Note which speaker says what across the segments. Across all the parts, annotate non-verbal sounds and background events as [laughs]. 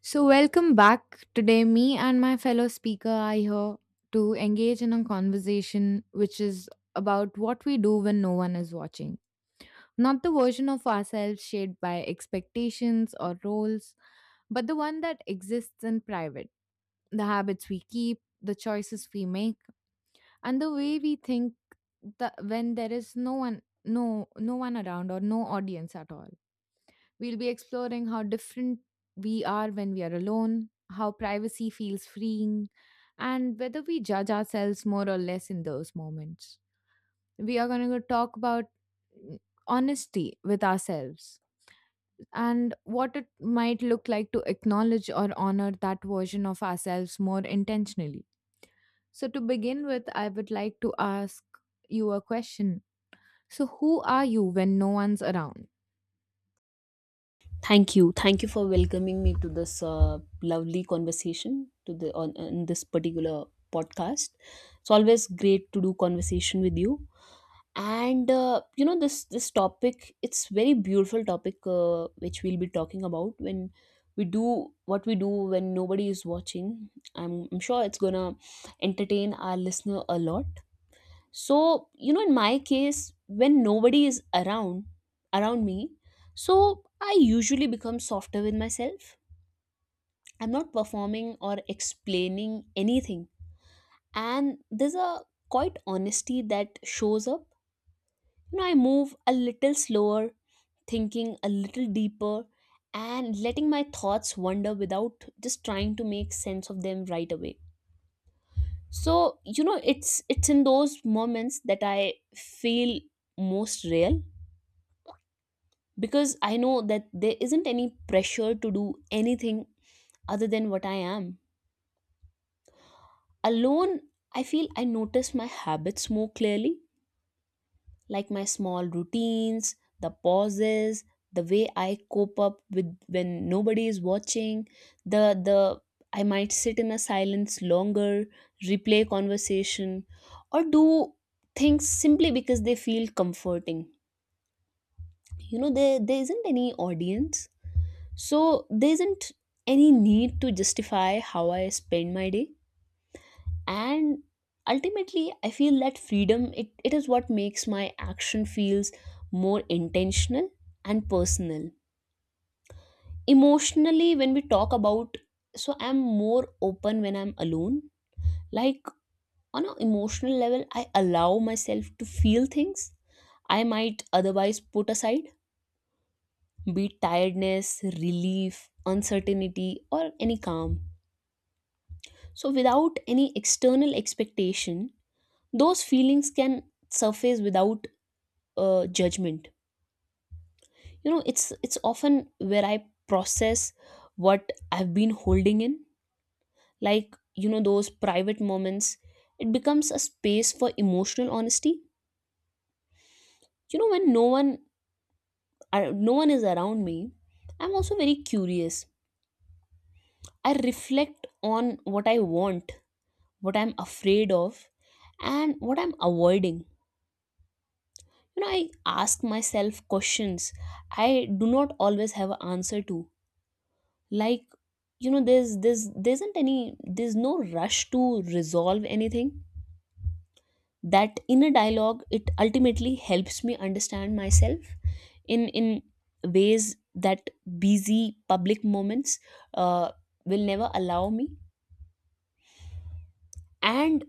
Speaker 1: So, welcome back. Today, me and my fellow speaker are here to engage in a conversation which is about what we do when no one is watching. Not the version of ourselves shaped by expectations or roles, but the one that exists in private. The habits we keep, the choices we make, and the way we think that when there is no one around or no audience at all. We'll be exploring how different we are when we are alone, how privacy feels freeing, and whether we judge ourselves more or less in those moments. We are going to talk about mm, honesty with ourselves and what it might look like to acknowledge or honor that version of ourselves more intentionally. So, to begin with, I would like to ask you a question. So, who are you when no one's around?
Speaker 2: Thank you. Thank you for welcoming me to this lovely conversation to the on in this particular podcast. It's always great to do conversation with you. And you know this topic, it's very beautiful topic which we'll be talking about when we do what we do when nobody is watching. I'm sure it's gonna entertain our listener a lot. So you know, in my case, when nobody is around me, so I usually become softer with myself. I'm not performing or explaining anything, and there's a quite honesty that shows up. You know, I move a little slower, thinking a little deeper, and letting my thoughts wander without just trying to make sense of them right away. So you know, it's in those moments that I feel most real, because I know that there isn't any pressure to do anything other than what I am. Alone, I feel I notice my habits more clearly, like my small routines, the pauses, the way I cope up with when nobody is watching, the I might sit in a silence longer, replay conversation, or do things simply because they feel comforting. You know, there isn't any audience. So there isn't any need to justify how I spend my day. And ultimately, I feel that freedom, it is what makes my action feels more intentional and personal. Emotionally, when we talk about, so I'm more open when I'm alone. Like on an emotional level, I allow myself to feel things I might otherwise put aside, be it tiredness, relief, uncertainty, or any calm. So, without any external expectation, those feelings can surface without judgment. You know, it's often where I process what I've been holding in, like you know, those private moments. It becomes a space for emotional honesty. You know, when no one is around me, I'm also very curious. I reflect on what I want, what I'm afraid of, and what I'm avoiding. You know, I ask myself questions I do not always have an answer to. Like you know, there isn't any, there's no rush to resolve anything. That inner dialogue, it ultimately helps me understand myself in ways that busy public moments uh, will never allow me. And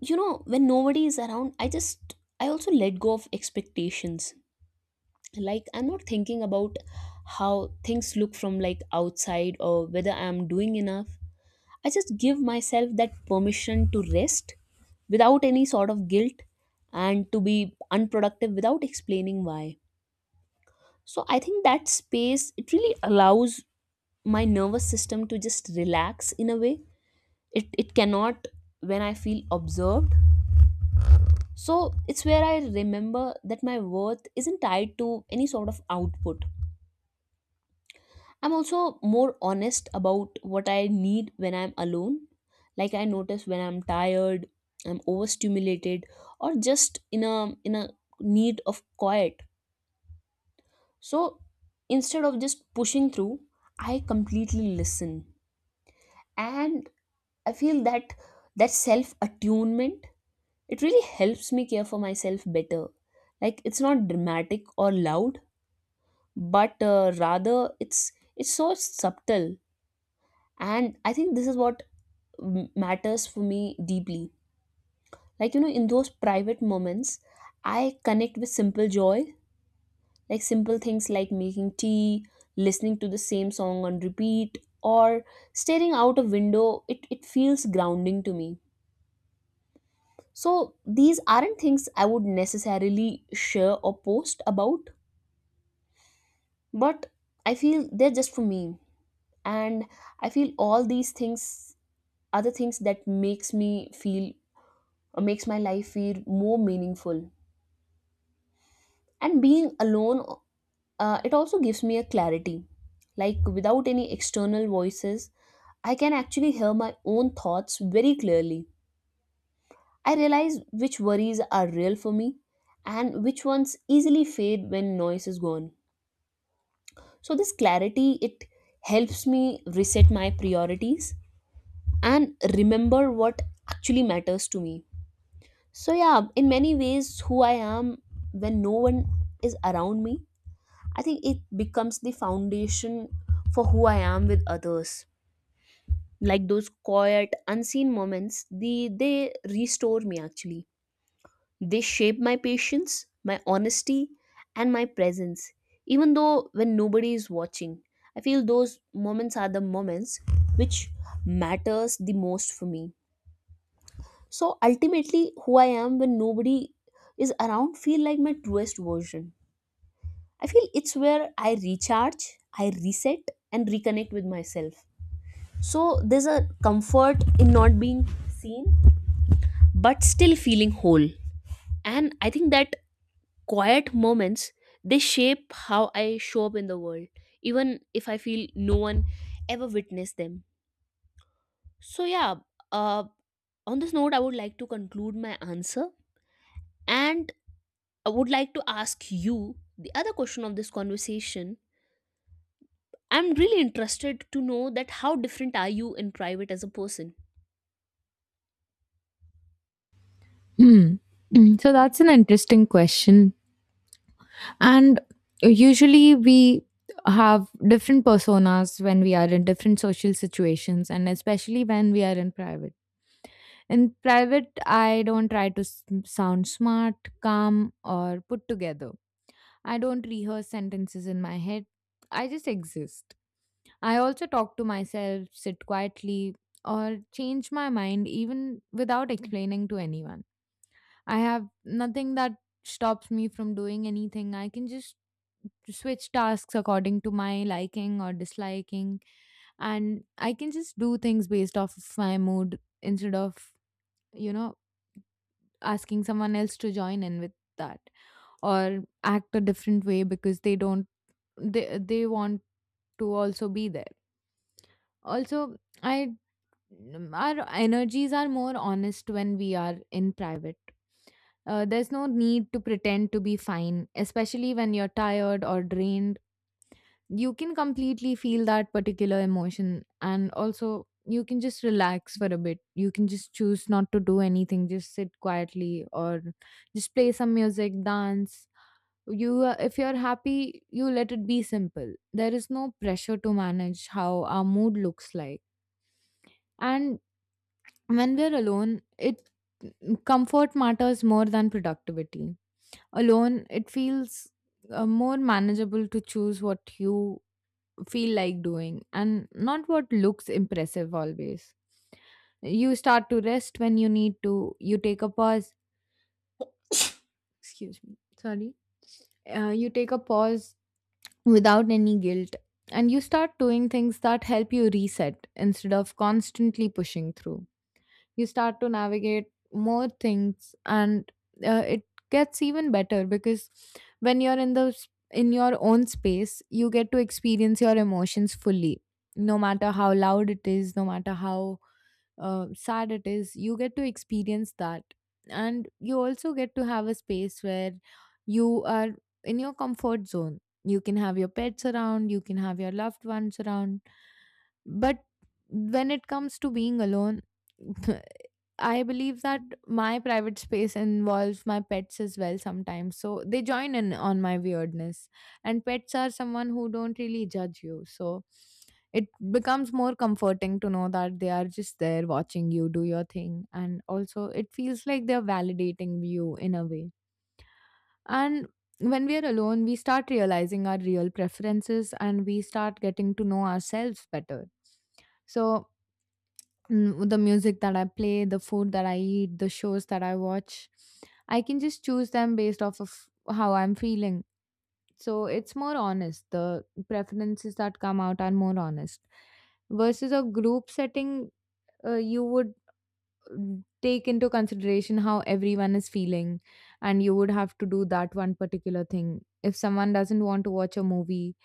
Speaker 2: you know, when nobody is around, I just, I also let go of expectations. Like I'm not thinking about how things look from like outside or whether I'm doing enough. I just give myself that permission to rest without any sort of guilt, and to be unproductive without explaining why. So I think that space, it really allows my nervous system to just relax in a way it cannot when I feel observed. So it's where I remember that my worth isn't tied to any sort of output. I'm also more honest about what I need when I'm alone. Like I notice when I'm tired, I'm overstimulated, or just in a need of quiet. So instead of just pushing through, I completely listen. And I feel that that self-attunement, it really helps me care for myself better. Like it's not dramatic or loud, but rather it's so subtle. And I think this is what matters for me deeply. Like, you know, in those private moments, I connect with simple joy, like simple things like making tea, listening to the same song on repeat, or staring out a window. It feels grounding to me. So, these aren't things I would necessarily share or post about, but I feel they're just for me. And I feel all these things are the things that makes me feel or makes my life feel more meaningful. And being alone, it also gives me a clarity. Like without any external voices, I can actually hear my own thoughts very clearly. I realize which worries are real for me, and which ones easily fade when noise is gone. So this clarity, it helps me reset my priorities and remember what actually matters to me. So yeah, in many ways, who I am when no one is around me, I think it becomes the foundation for who I am with others. Like those quiet, unseen moments, they restore me actually. They shape my patience, my honesty, and my presence. Even though when nobody is watching, I feel those moments are the moments which matters the most for me. So ultimately, who I am when nobody is around feel like my truest version. I feel it's where I recharge, I reset, and reconnect with myself. So there's a comfort in not being seen, but still feeling whole. And I think that quiet moments, they shape how I show up in the world, even if I feel no one ever witnessed them. So yeah, uh, on this note, I would like to conclude my answer, and I would like to ask you the other question of this conversation. I'm really interested to know that how different are you in private as a person?
Speaker 1: Hmm. [clears throat] That's an interesting question. And usually we have different personas when we are in different social situations and especially when we are in private. In private, I don't try to sound smart, calm, or put together. I don't rehearse sentences in my head. I just exist. I also talk to myself, sit quietly, or change my mind even without explaining to anyone. I have nothing that stops me from doing anything. I can just to switch tasks according to my liking or disliking, and I can just do things based off of my mood instead of, you know asking someone else to join in with that, or act a different way because they don't they they want to also be there. Also, I our energies are more honest when we are in private. There's no need to pretend to be fine, especially when you're tired or drained. You can completely feel that particular emotion, and also you can just relax for a bit. You can just choose not to do anything, just sit quietly, or just play some music, dance. You If you're happy, you let it be simple. There is no pressure to manage how our mood looks like. And when we're alone, it comfort matters more than productivity. Alone, it feels more manageable to choose what you feel like doing and not what looks impressive always. You start to rest when you need to, you take a pause, excuse me, sorry, you take a pause without any guilt, and you start doing things that help you reset instead of constantly pushing through. You start to navigate more things, and it gets even better because when you're in in your own space, you get to experience your emotions fully, no matter how loud it is, no matter how sad it is, you get to experience that. And you also get to have a space where you are in your comfort zone. You can have your pets around, you can have your loved ones around. But when it comes to being alone, [laughs] I believe that my private space involves my pets as well sometimes. So they join in on my weirdness. And pets are someone who don't really judge you. So it becomes more comforting to know that they are just there watching you do your thing. And also, it feels like they're validating you in a way. And when we are alone, we start realizing our real preferences and we start getting to know ourselves better. So, the music that I play, the food that I eat, the shows that I watch, I can just choose them based off of how I'm feeling. So, it's more honest. The preferences that come out are more honest. Versus a group setting, you would take into consideration how everyone is feeling, and you would have to do that one particular thing. If someone doesn't want to watch a movie,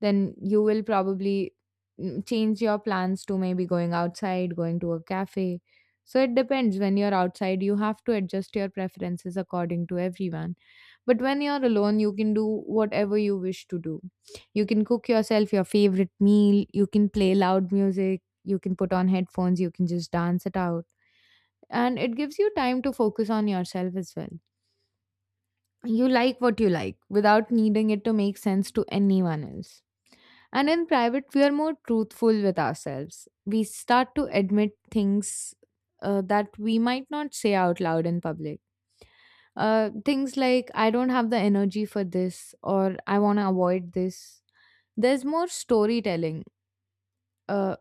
Speaker 1: then you will probably change your plans to maybe going outside, going to a cafe. So it depends. When you're outside, you have to adjust your preferences according to everyone. But when you're alone, you can do whatever you wish to do. You can cook yourself your favorite meal, you can play loud music, you can put on headphones, you can just dance it out. And it gives you time to focus on yourself as well. You like what you like without needing it to make sense to anyone else. And in private, we are more truthful with ourselves. We start to admit things that we might not say out loud in public. Things like, I don't have the energy for this, or I want to avoid this. There's more storytelling, uh,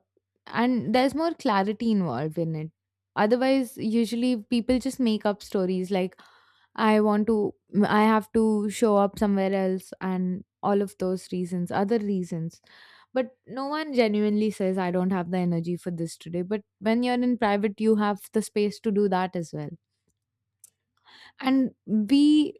Speaker 1: and there's more clarity involved in it. Otherwise, usually people just make up stories like, I want to I have to show up somewhere else and all of those reasons, other reasons. But no one genuinely says I don't have the energy for this today. But when you're in private, you have the space to do that as well. And we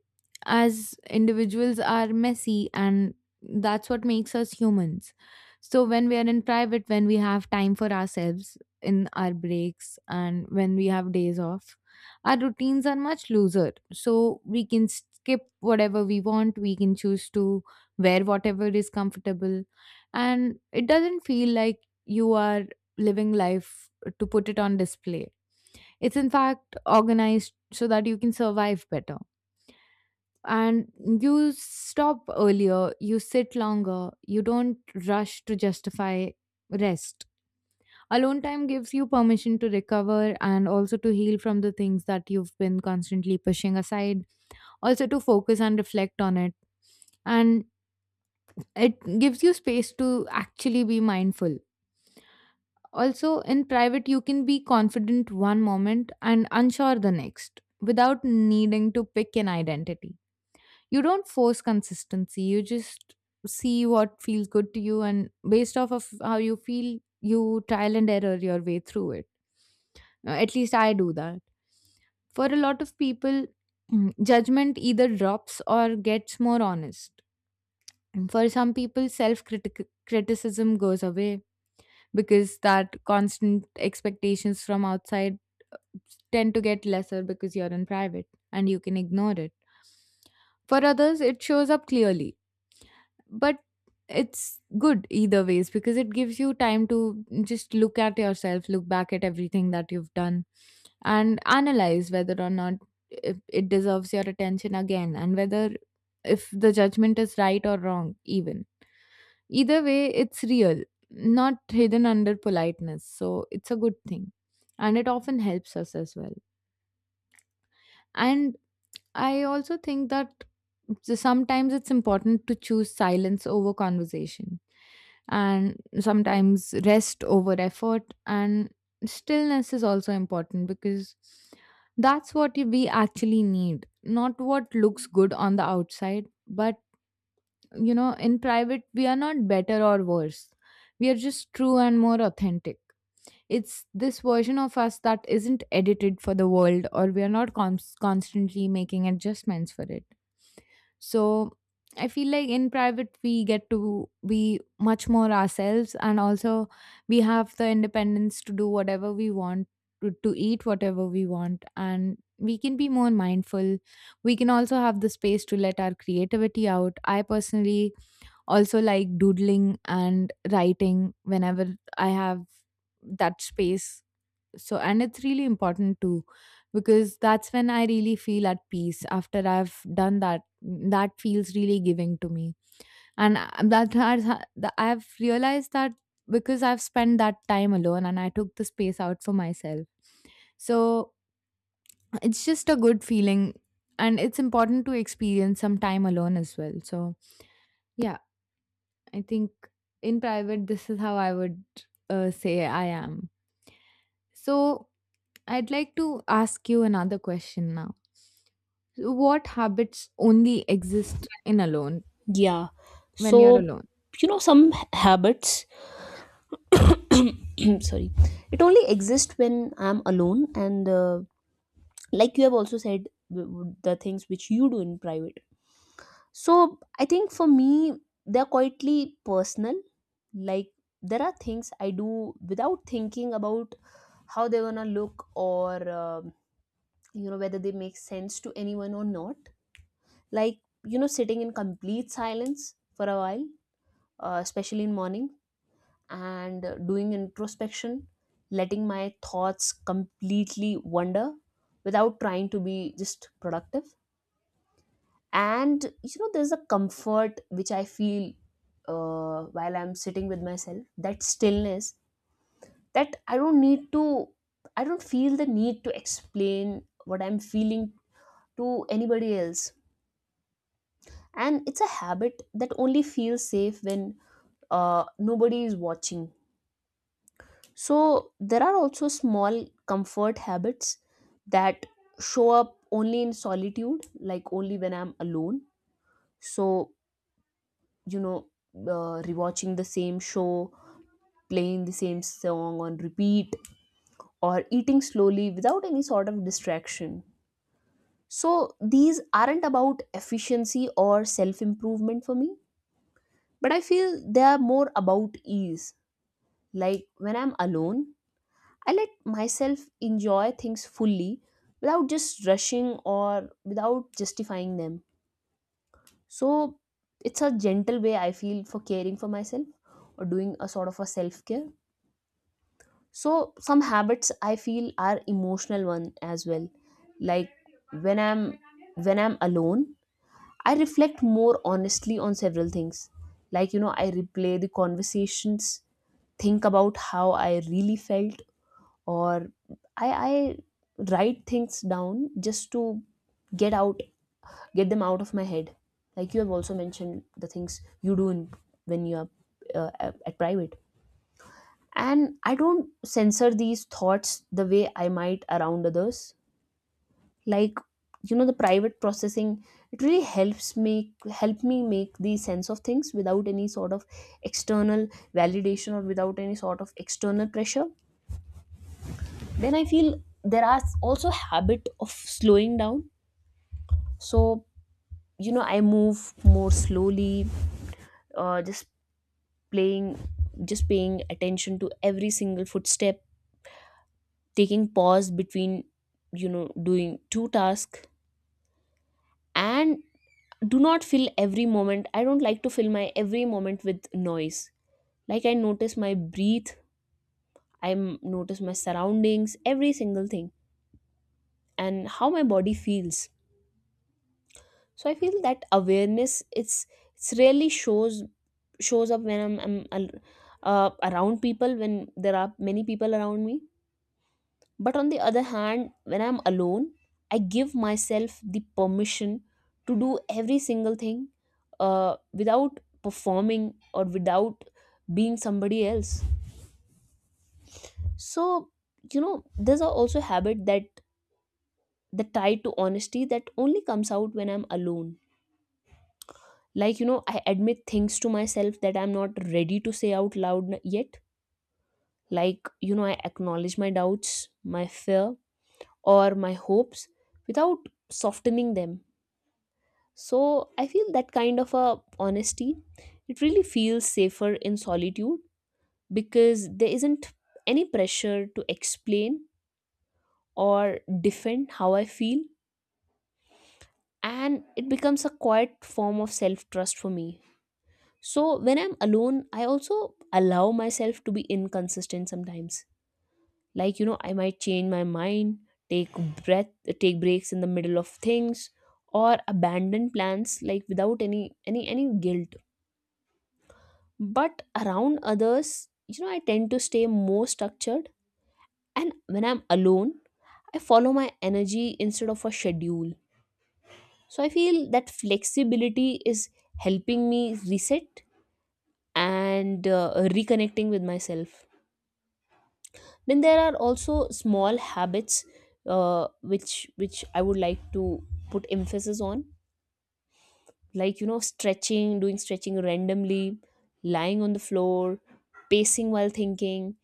Speaker 1: as individuals are messy, and that's what makes us humans. So when we are in private, when we have time for ourselves in our breaks and when we have days off, our routines are much looser, so we can skip whatever we want, we can choose to wear whatever is comfortable. And it doesn't feel like you are living life to put it on display. It's in fact organized so that you can survive better. And you stop earlier, you sit longer, you don't rush to justify rest. Alone time gives you permission to recover and also to heal from the things that you've been constantly pushing aside, also to focus and reflect on it. And it gives you space to actually be mindful. Also, in private, you can be confident one moment and unsure the next without needing to pick an identity. You don't force consistency, you just see what feels good to you, and based off of how you feel, you trial and error your way through it. At least I do that. For a lot of people, [clears throat] judgment either drops or gets more honest. And for some people self criticism goes away, because that constant expectations from outside tend to get lesser because you're in private and you can ignore it. For others it shows up clearly. But it's good either ways, because it gives you time to just look at yourself, look back at everything that you've done, and analyze whether or not it deserves your attention again, and whether if the judgment is right or wrong. Even either way it's real, not hidden under politeness, so it's a good thing, and it often helps us as well. And I also think that, so sometimes it's important to choose silence over conversation, and sometimes rest over effort. And stillness is also important because that's what we actually need, not what looks good on the outside. But you know, in private we are not better or worse, we are just true and more authentic. It's this version of us that isn't edited for the world, or we are not constantly making adjustments for it. So I feel like in private, we get to be much more ourselves, and also we have the independence to do whatever we want, to eat whatever we want, and we can be more mindful. We can also have the space to let our creativity out. I personally also like doodling and writing whenever I have that space. So, and it's really important too, because that's when I really feel at peace. After I've done that, that feels really giving to me. And I- that has ha- I've realized that because I've spent that time alone and I took the space out for myself. So it's just a good feeling, and it's important to experience some time alone as well. So yeah, I think in private this is how I would say I am. So I'd like to ask you another question now. What habits only exist in alone
Speaker 2: Yeah.
Speaker 1: when you're
Speaker 2: So,
Speaker 1: alone?
Speaker 2: you know, some habits, [clears throat] sorry, it only exists when I'm alone. And like you have also said, the things which you do in private. So, I think for me, they're quietly personal. Like, there are things I do without thinking about how they're gonna look, or, you know, whether they make sense to anyone or not. Like you know, sitting in complete silence for a while, especially in morning, and doing introspection, letting my thoughts completely wander without trying to be just productive. And you know, there's a comfort which I feel while I'm sitting with myself, that stillness, that I don't need to, I don't feel the need to explain what I'm feeling to anybody else. And it's a habit that only feels safe when nobody is watching. So there are also small comfort habits that show up only in solitude, like only when I'm alone. So, you know, rewatching the same show, playing the same song on repeat, or eating slowly without any sort of distraction. So, these aren't about efficiency or self improvement for me, but I feel they are more about ease. Like when I'm alone, I let myself enjoy things fully without just rushing or without justifying them. So it's a gentle way I feel for caring for myself or doing a sort of a self care. So some habits I feel are emotional one as well. Like when I'm when I'm alone, I reflect more honestly on several things. Like you know, I replay the conversations, think about how I really felt, or I write things down just to get out get them out of my head, like you have also mentioned the things you do in, when you are at private. And I don't censor these thoughts the way I might around others. Like you know, the private processing, it really helps me help me make the sense of things without any sort of external validation or without any sort of external pressure. Then I feel there are also habit of slowing down. So you know, I move more slowly, just playing just paying attention to every single footstep, taking pause between, you know, doing two tasks, and do not fill every moment. I don't like to fill my every moment with noise. Like I notice my breath, I notice my surroundings, every single thing, and how my body feels. So I feel that awareness, it's it's really shows up when around people, when there are many people around me. But on the other hand, when I'm alone, I give myself the permission to do every single thing without performing or without being somebody else. So you know, there's a also habit that the tie to honesty that only comes out when I'm alone. Like you know, I admit things to myself that I'm not ready to say out loud yet. Like you know, I acknowledge my doubts, my fear, or my hopes without softening them. So I feel that kind of a honesty, it really feels safer in solitude, because there isn't any pressure to explain or defend how I feel, and it becomes a quiet form of self trust for me. So when I'm alone, I also allow myself to be inconsistent sometimes. Like, you know, I might change my mind, take breath, take breaks in the middle of things, or abandon plans like without any guilt. But around others, you know, I tend to stay more structured. And when I'm alone, I follow my energy instead of a schedule. So I feel that flexibility is helping me reset and reconnecting with myself. Then there are also small habits which I would like to put emphasis on, like you know, stretching, doing stretching randomly, lying on the floor, pacing while thinking,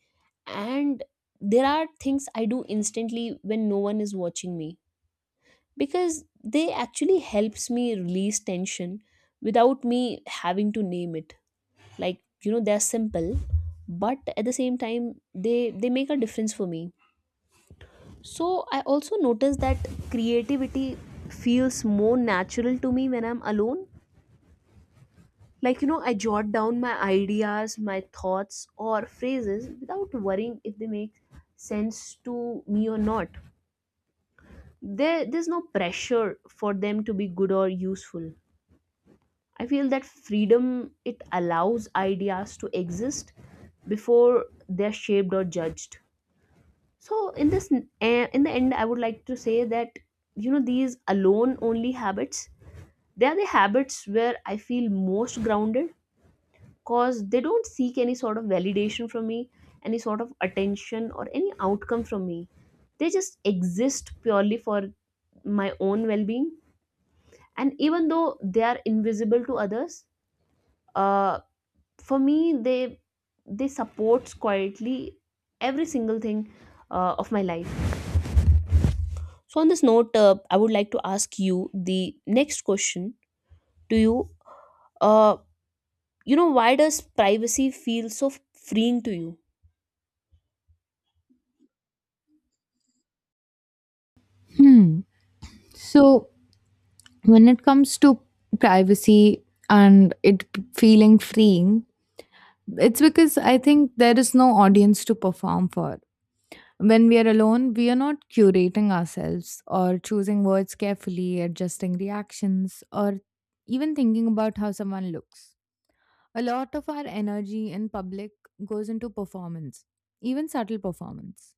Speaker 2: and there are things I do instantly when no one is watching me, because they actually helps me release tension without me having to name it. Like you know, they're simple, but at the same time they make a difference for me. So I also noticed that creativity feels more natural to me when I'm alone. Like, you know, I jot down my ideas, my thoughts, or phrases without worrying if they make sense to me or not. There's no pressure for them to be good or useful. I feel that freedom, it allows ideas to exist before they're shaped or judged. So in this in the end, I would like to say that you know, these alone only habits, they are the habits where I feel most grounded, because they don't seek any sort of validation from me, any sort of attention or any outcome from me. They just exist purely for my own well-being. And even though they are invisible to others, uh, for me, they support quietly every single thing of my life. So, on this note, I would like to ask you the next question to you. Uh, you know, why does privacy feel so freeing to you?
Speaker 1: Hmm. So when it comes to privacy and feeling freeing, it's because I think there is no audience to perform for. When we are alone, we are not curating ourselves or choosing words carefully, adjusting reactions, or even thinking about how someone looks. A lot of our energy in public goes into performance, even subtle performance.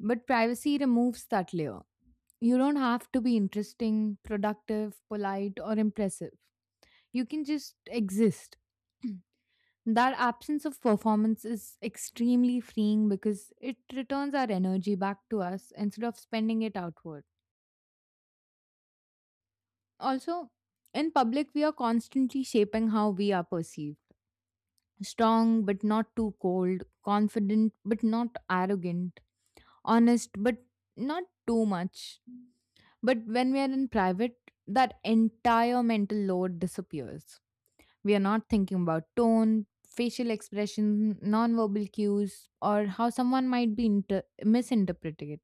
Speaker 1: But privacy removes that layer. You don't have to be interesting, productive, polite, or impressive. You can just exist. [clears throat] That absence of performance is extremely freeing because it returns our energy back to us instead of spending it outward. Also, in public, we are constantly shaping how we are perceived. Strong but not too cold, confident but not arrogant, honest but not too much. But when we are in private, that entire mental load disappears. We are not thinking about tone, facial expression, nonverbal cues, or how someone might be misinterpreted.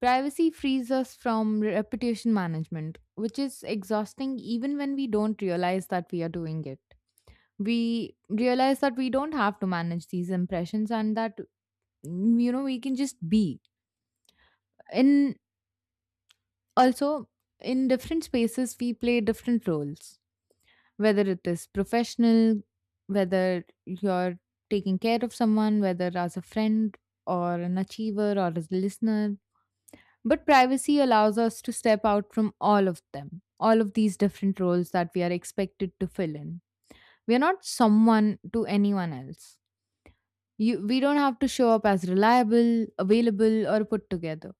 Speaker 1: Privacy frees us from reputation management, which is exhausting even when we don't realize that we are doing it. We realize that we don't have to manage these impressions, and that we can just be in. Also, in different spaces we play different roles, whether it is professional, whether you're taking care of someone, whether as a friend, or an achiever, or as a listener. But privacy allows us to step out from all of these different roles that we are expected to fill in. We are not someone to anyone else. You We don't have to show up as reliable, available, or put together.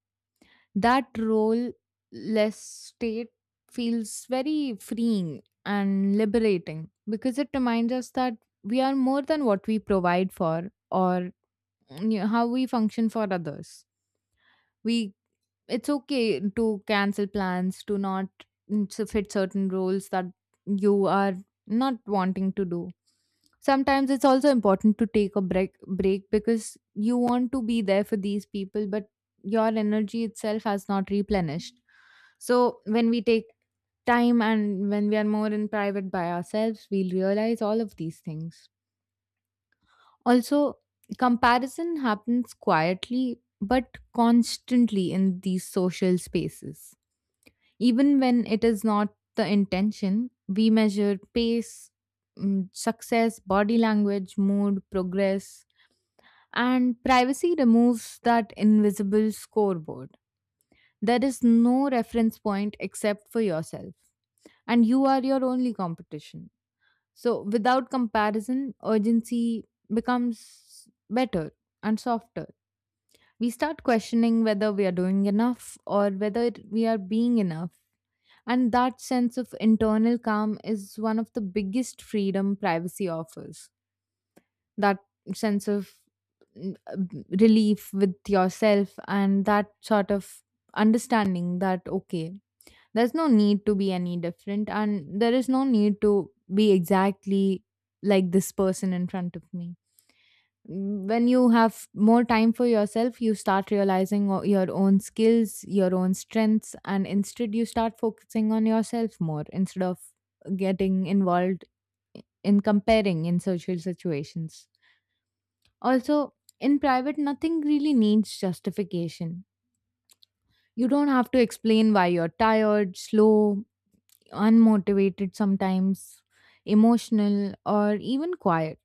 Speaker 1: That role less state feels very freeing and liberating because it reminds us that we are more than what we provide for, or yeah, how we function for others. We It's okay to cancel plans, to not so fit certain roles that you are not wanting to do. Sometimes it's also important to take a break because you want to be there for these people, but your energy itself has not replenished. So when we take time and when we are more in private by ourselves, we'll realize all of these things. Also, comparison happens quietly but constantly in these social spaces. Even when it is not the intention, we measure pace, success, body language, mood, progress, and privacy removes that invisible scoreboard. There is no reference point except for yourself, and you are your only competition. So, without comparison, urgency becomes better and softer. We start questioning whether we are doing enough, or we are being enough. And that sense of internal calm is one of the biggest freedom privacy offers. That sense of mm, uh, relief with yourself, and that sort of understanding that, okay, there's no need to be any different, and there is no need to be exactly like this person in front of me. When you have more time for yourself, you start realizing your own skills, your own strengths, and instead you start focusing on yourself more, instead of getting involved in comparing in social situations. Also, in private, nothing really needs justification. You don't have to explain why you're tired, slow, unmotivated sometimes, emotional, or even quiet.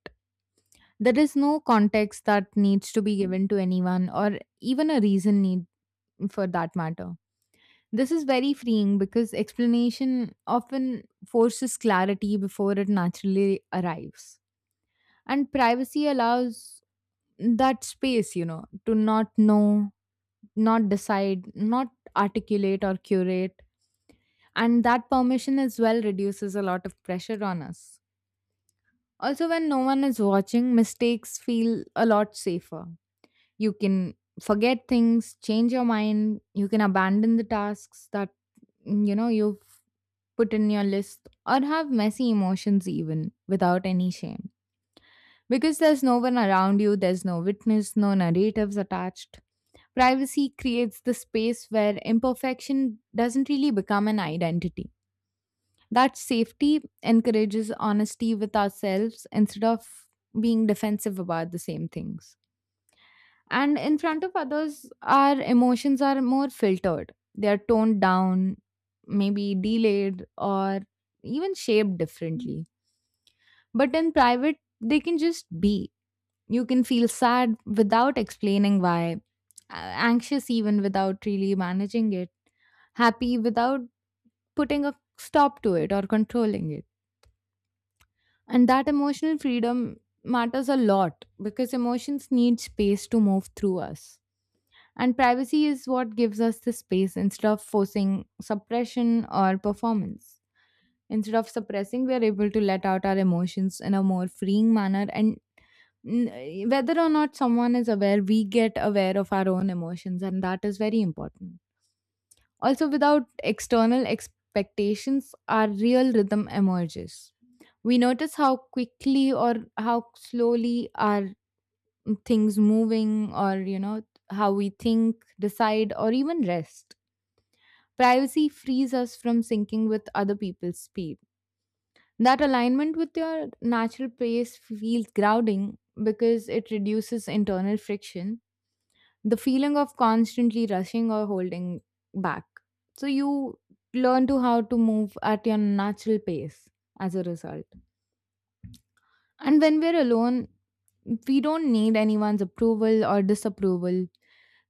Speaker 1: There is no context that needs to be given to anyone, or even a reason need for that matter. This is very freeing because explanation often forces clarity before it naturally arrives. And privacy allows that space, you know, to not know, not decide, not articulate or curate. And that permission as well reduces a lot of pressure on us. Also, when no one is watching, mistakes feel a lot safer. You can forget things, change your mind, you can abandon the tasks that you've put in your list, or have messy emotions even without any shame. Because there's no one around you, there's no witness, no narratives attached. Privacy creates the space where imperfection doesn't really become an identity. That safety encourages honesty with ourselves instead of being defensive about the same things. And in front of others, our emotions are more filtered. They are toned down, maybe delayed, or even shaped differently. But in private, they can just be. You can feel sad without explaining why, anxious even without really managing it, happy without putting a stop to it or controlling it. And that emotional freedom matters a lot because emotions need space to move through us. And privacy is what gives us the space instead of forcing suppression or performance. Instead of suppressing, we are able to let out our emotions in a more freeing manner. And whether or not someone is aware, we get aware of our own emotions, and that is very important. Also, without external expectations, our real rhythm emerges. We notice how quickly or how slowly are things moving, or you know, how we think, decide, or even rest. Privacy frees us from syncing with other people's speed. That alignment with your natural pace feels grounding because it reduces internal friction, the feeling of constantly rushing or holding back. So you learn to how to move at your natural pace as a result. And when we're alone, we don't need anyone's approval or disapproval.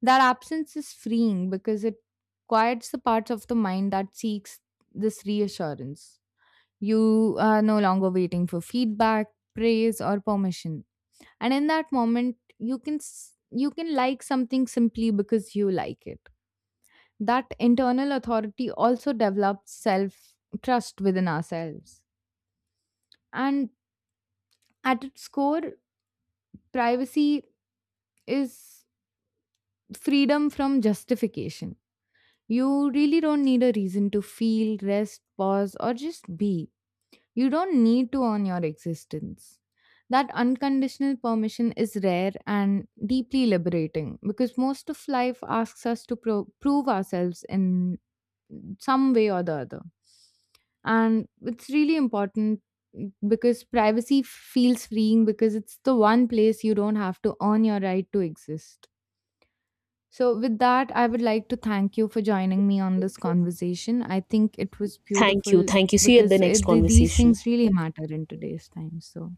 Speaker 1: That absence is freeing because it quiets the parts of the mind that seeks this reassurance. You are no longer waiting for feedback, praise, or permission. And in that moment, you can like something simply because you like it. That internal authority also develops self trust within ourselves. And at its core, privacy is freedom from justification. You really don't need a reason to feel, rest, pause, or just be. You don't need to earn your existence. That unconditional permission is rare and deeply liberating because most of life asks us to prove ourselves in some way or the other. And it's really important because privacy feels freeing because it's the one place you don't have to earn your right to exist. So, with that, I would like to thank you for joining me on this conversation. I think it was
Speaker 2: Thank you.
Speaker 1: beautiful
Speaker 2: Thank you. See you at the
Speaker 1: because
Speaker 2: next
Speaker 1: these
Speaker 2: conversation.
Speaker 1: things really matter in today's time. So,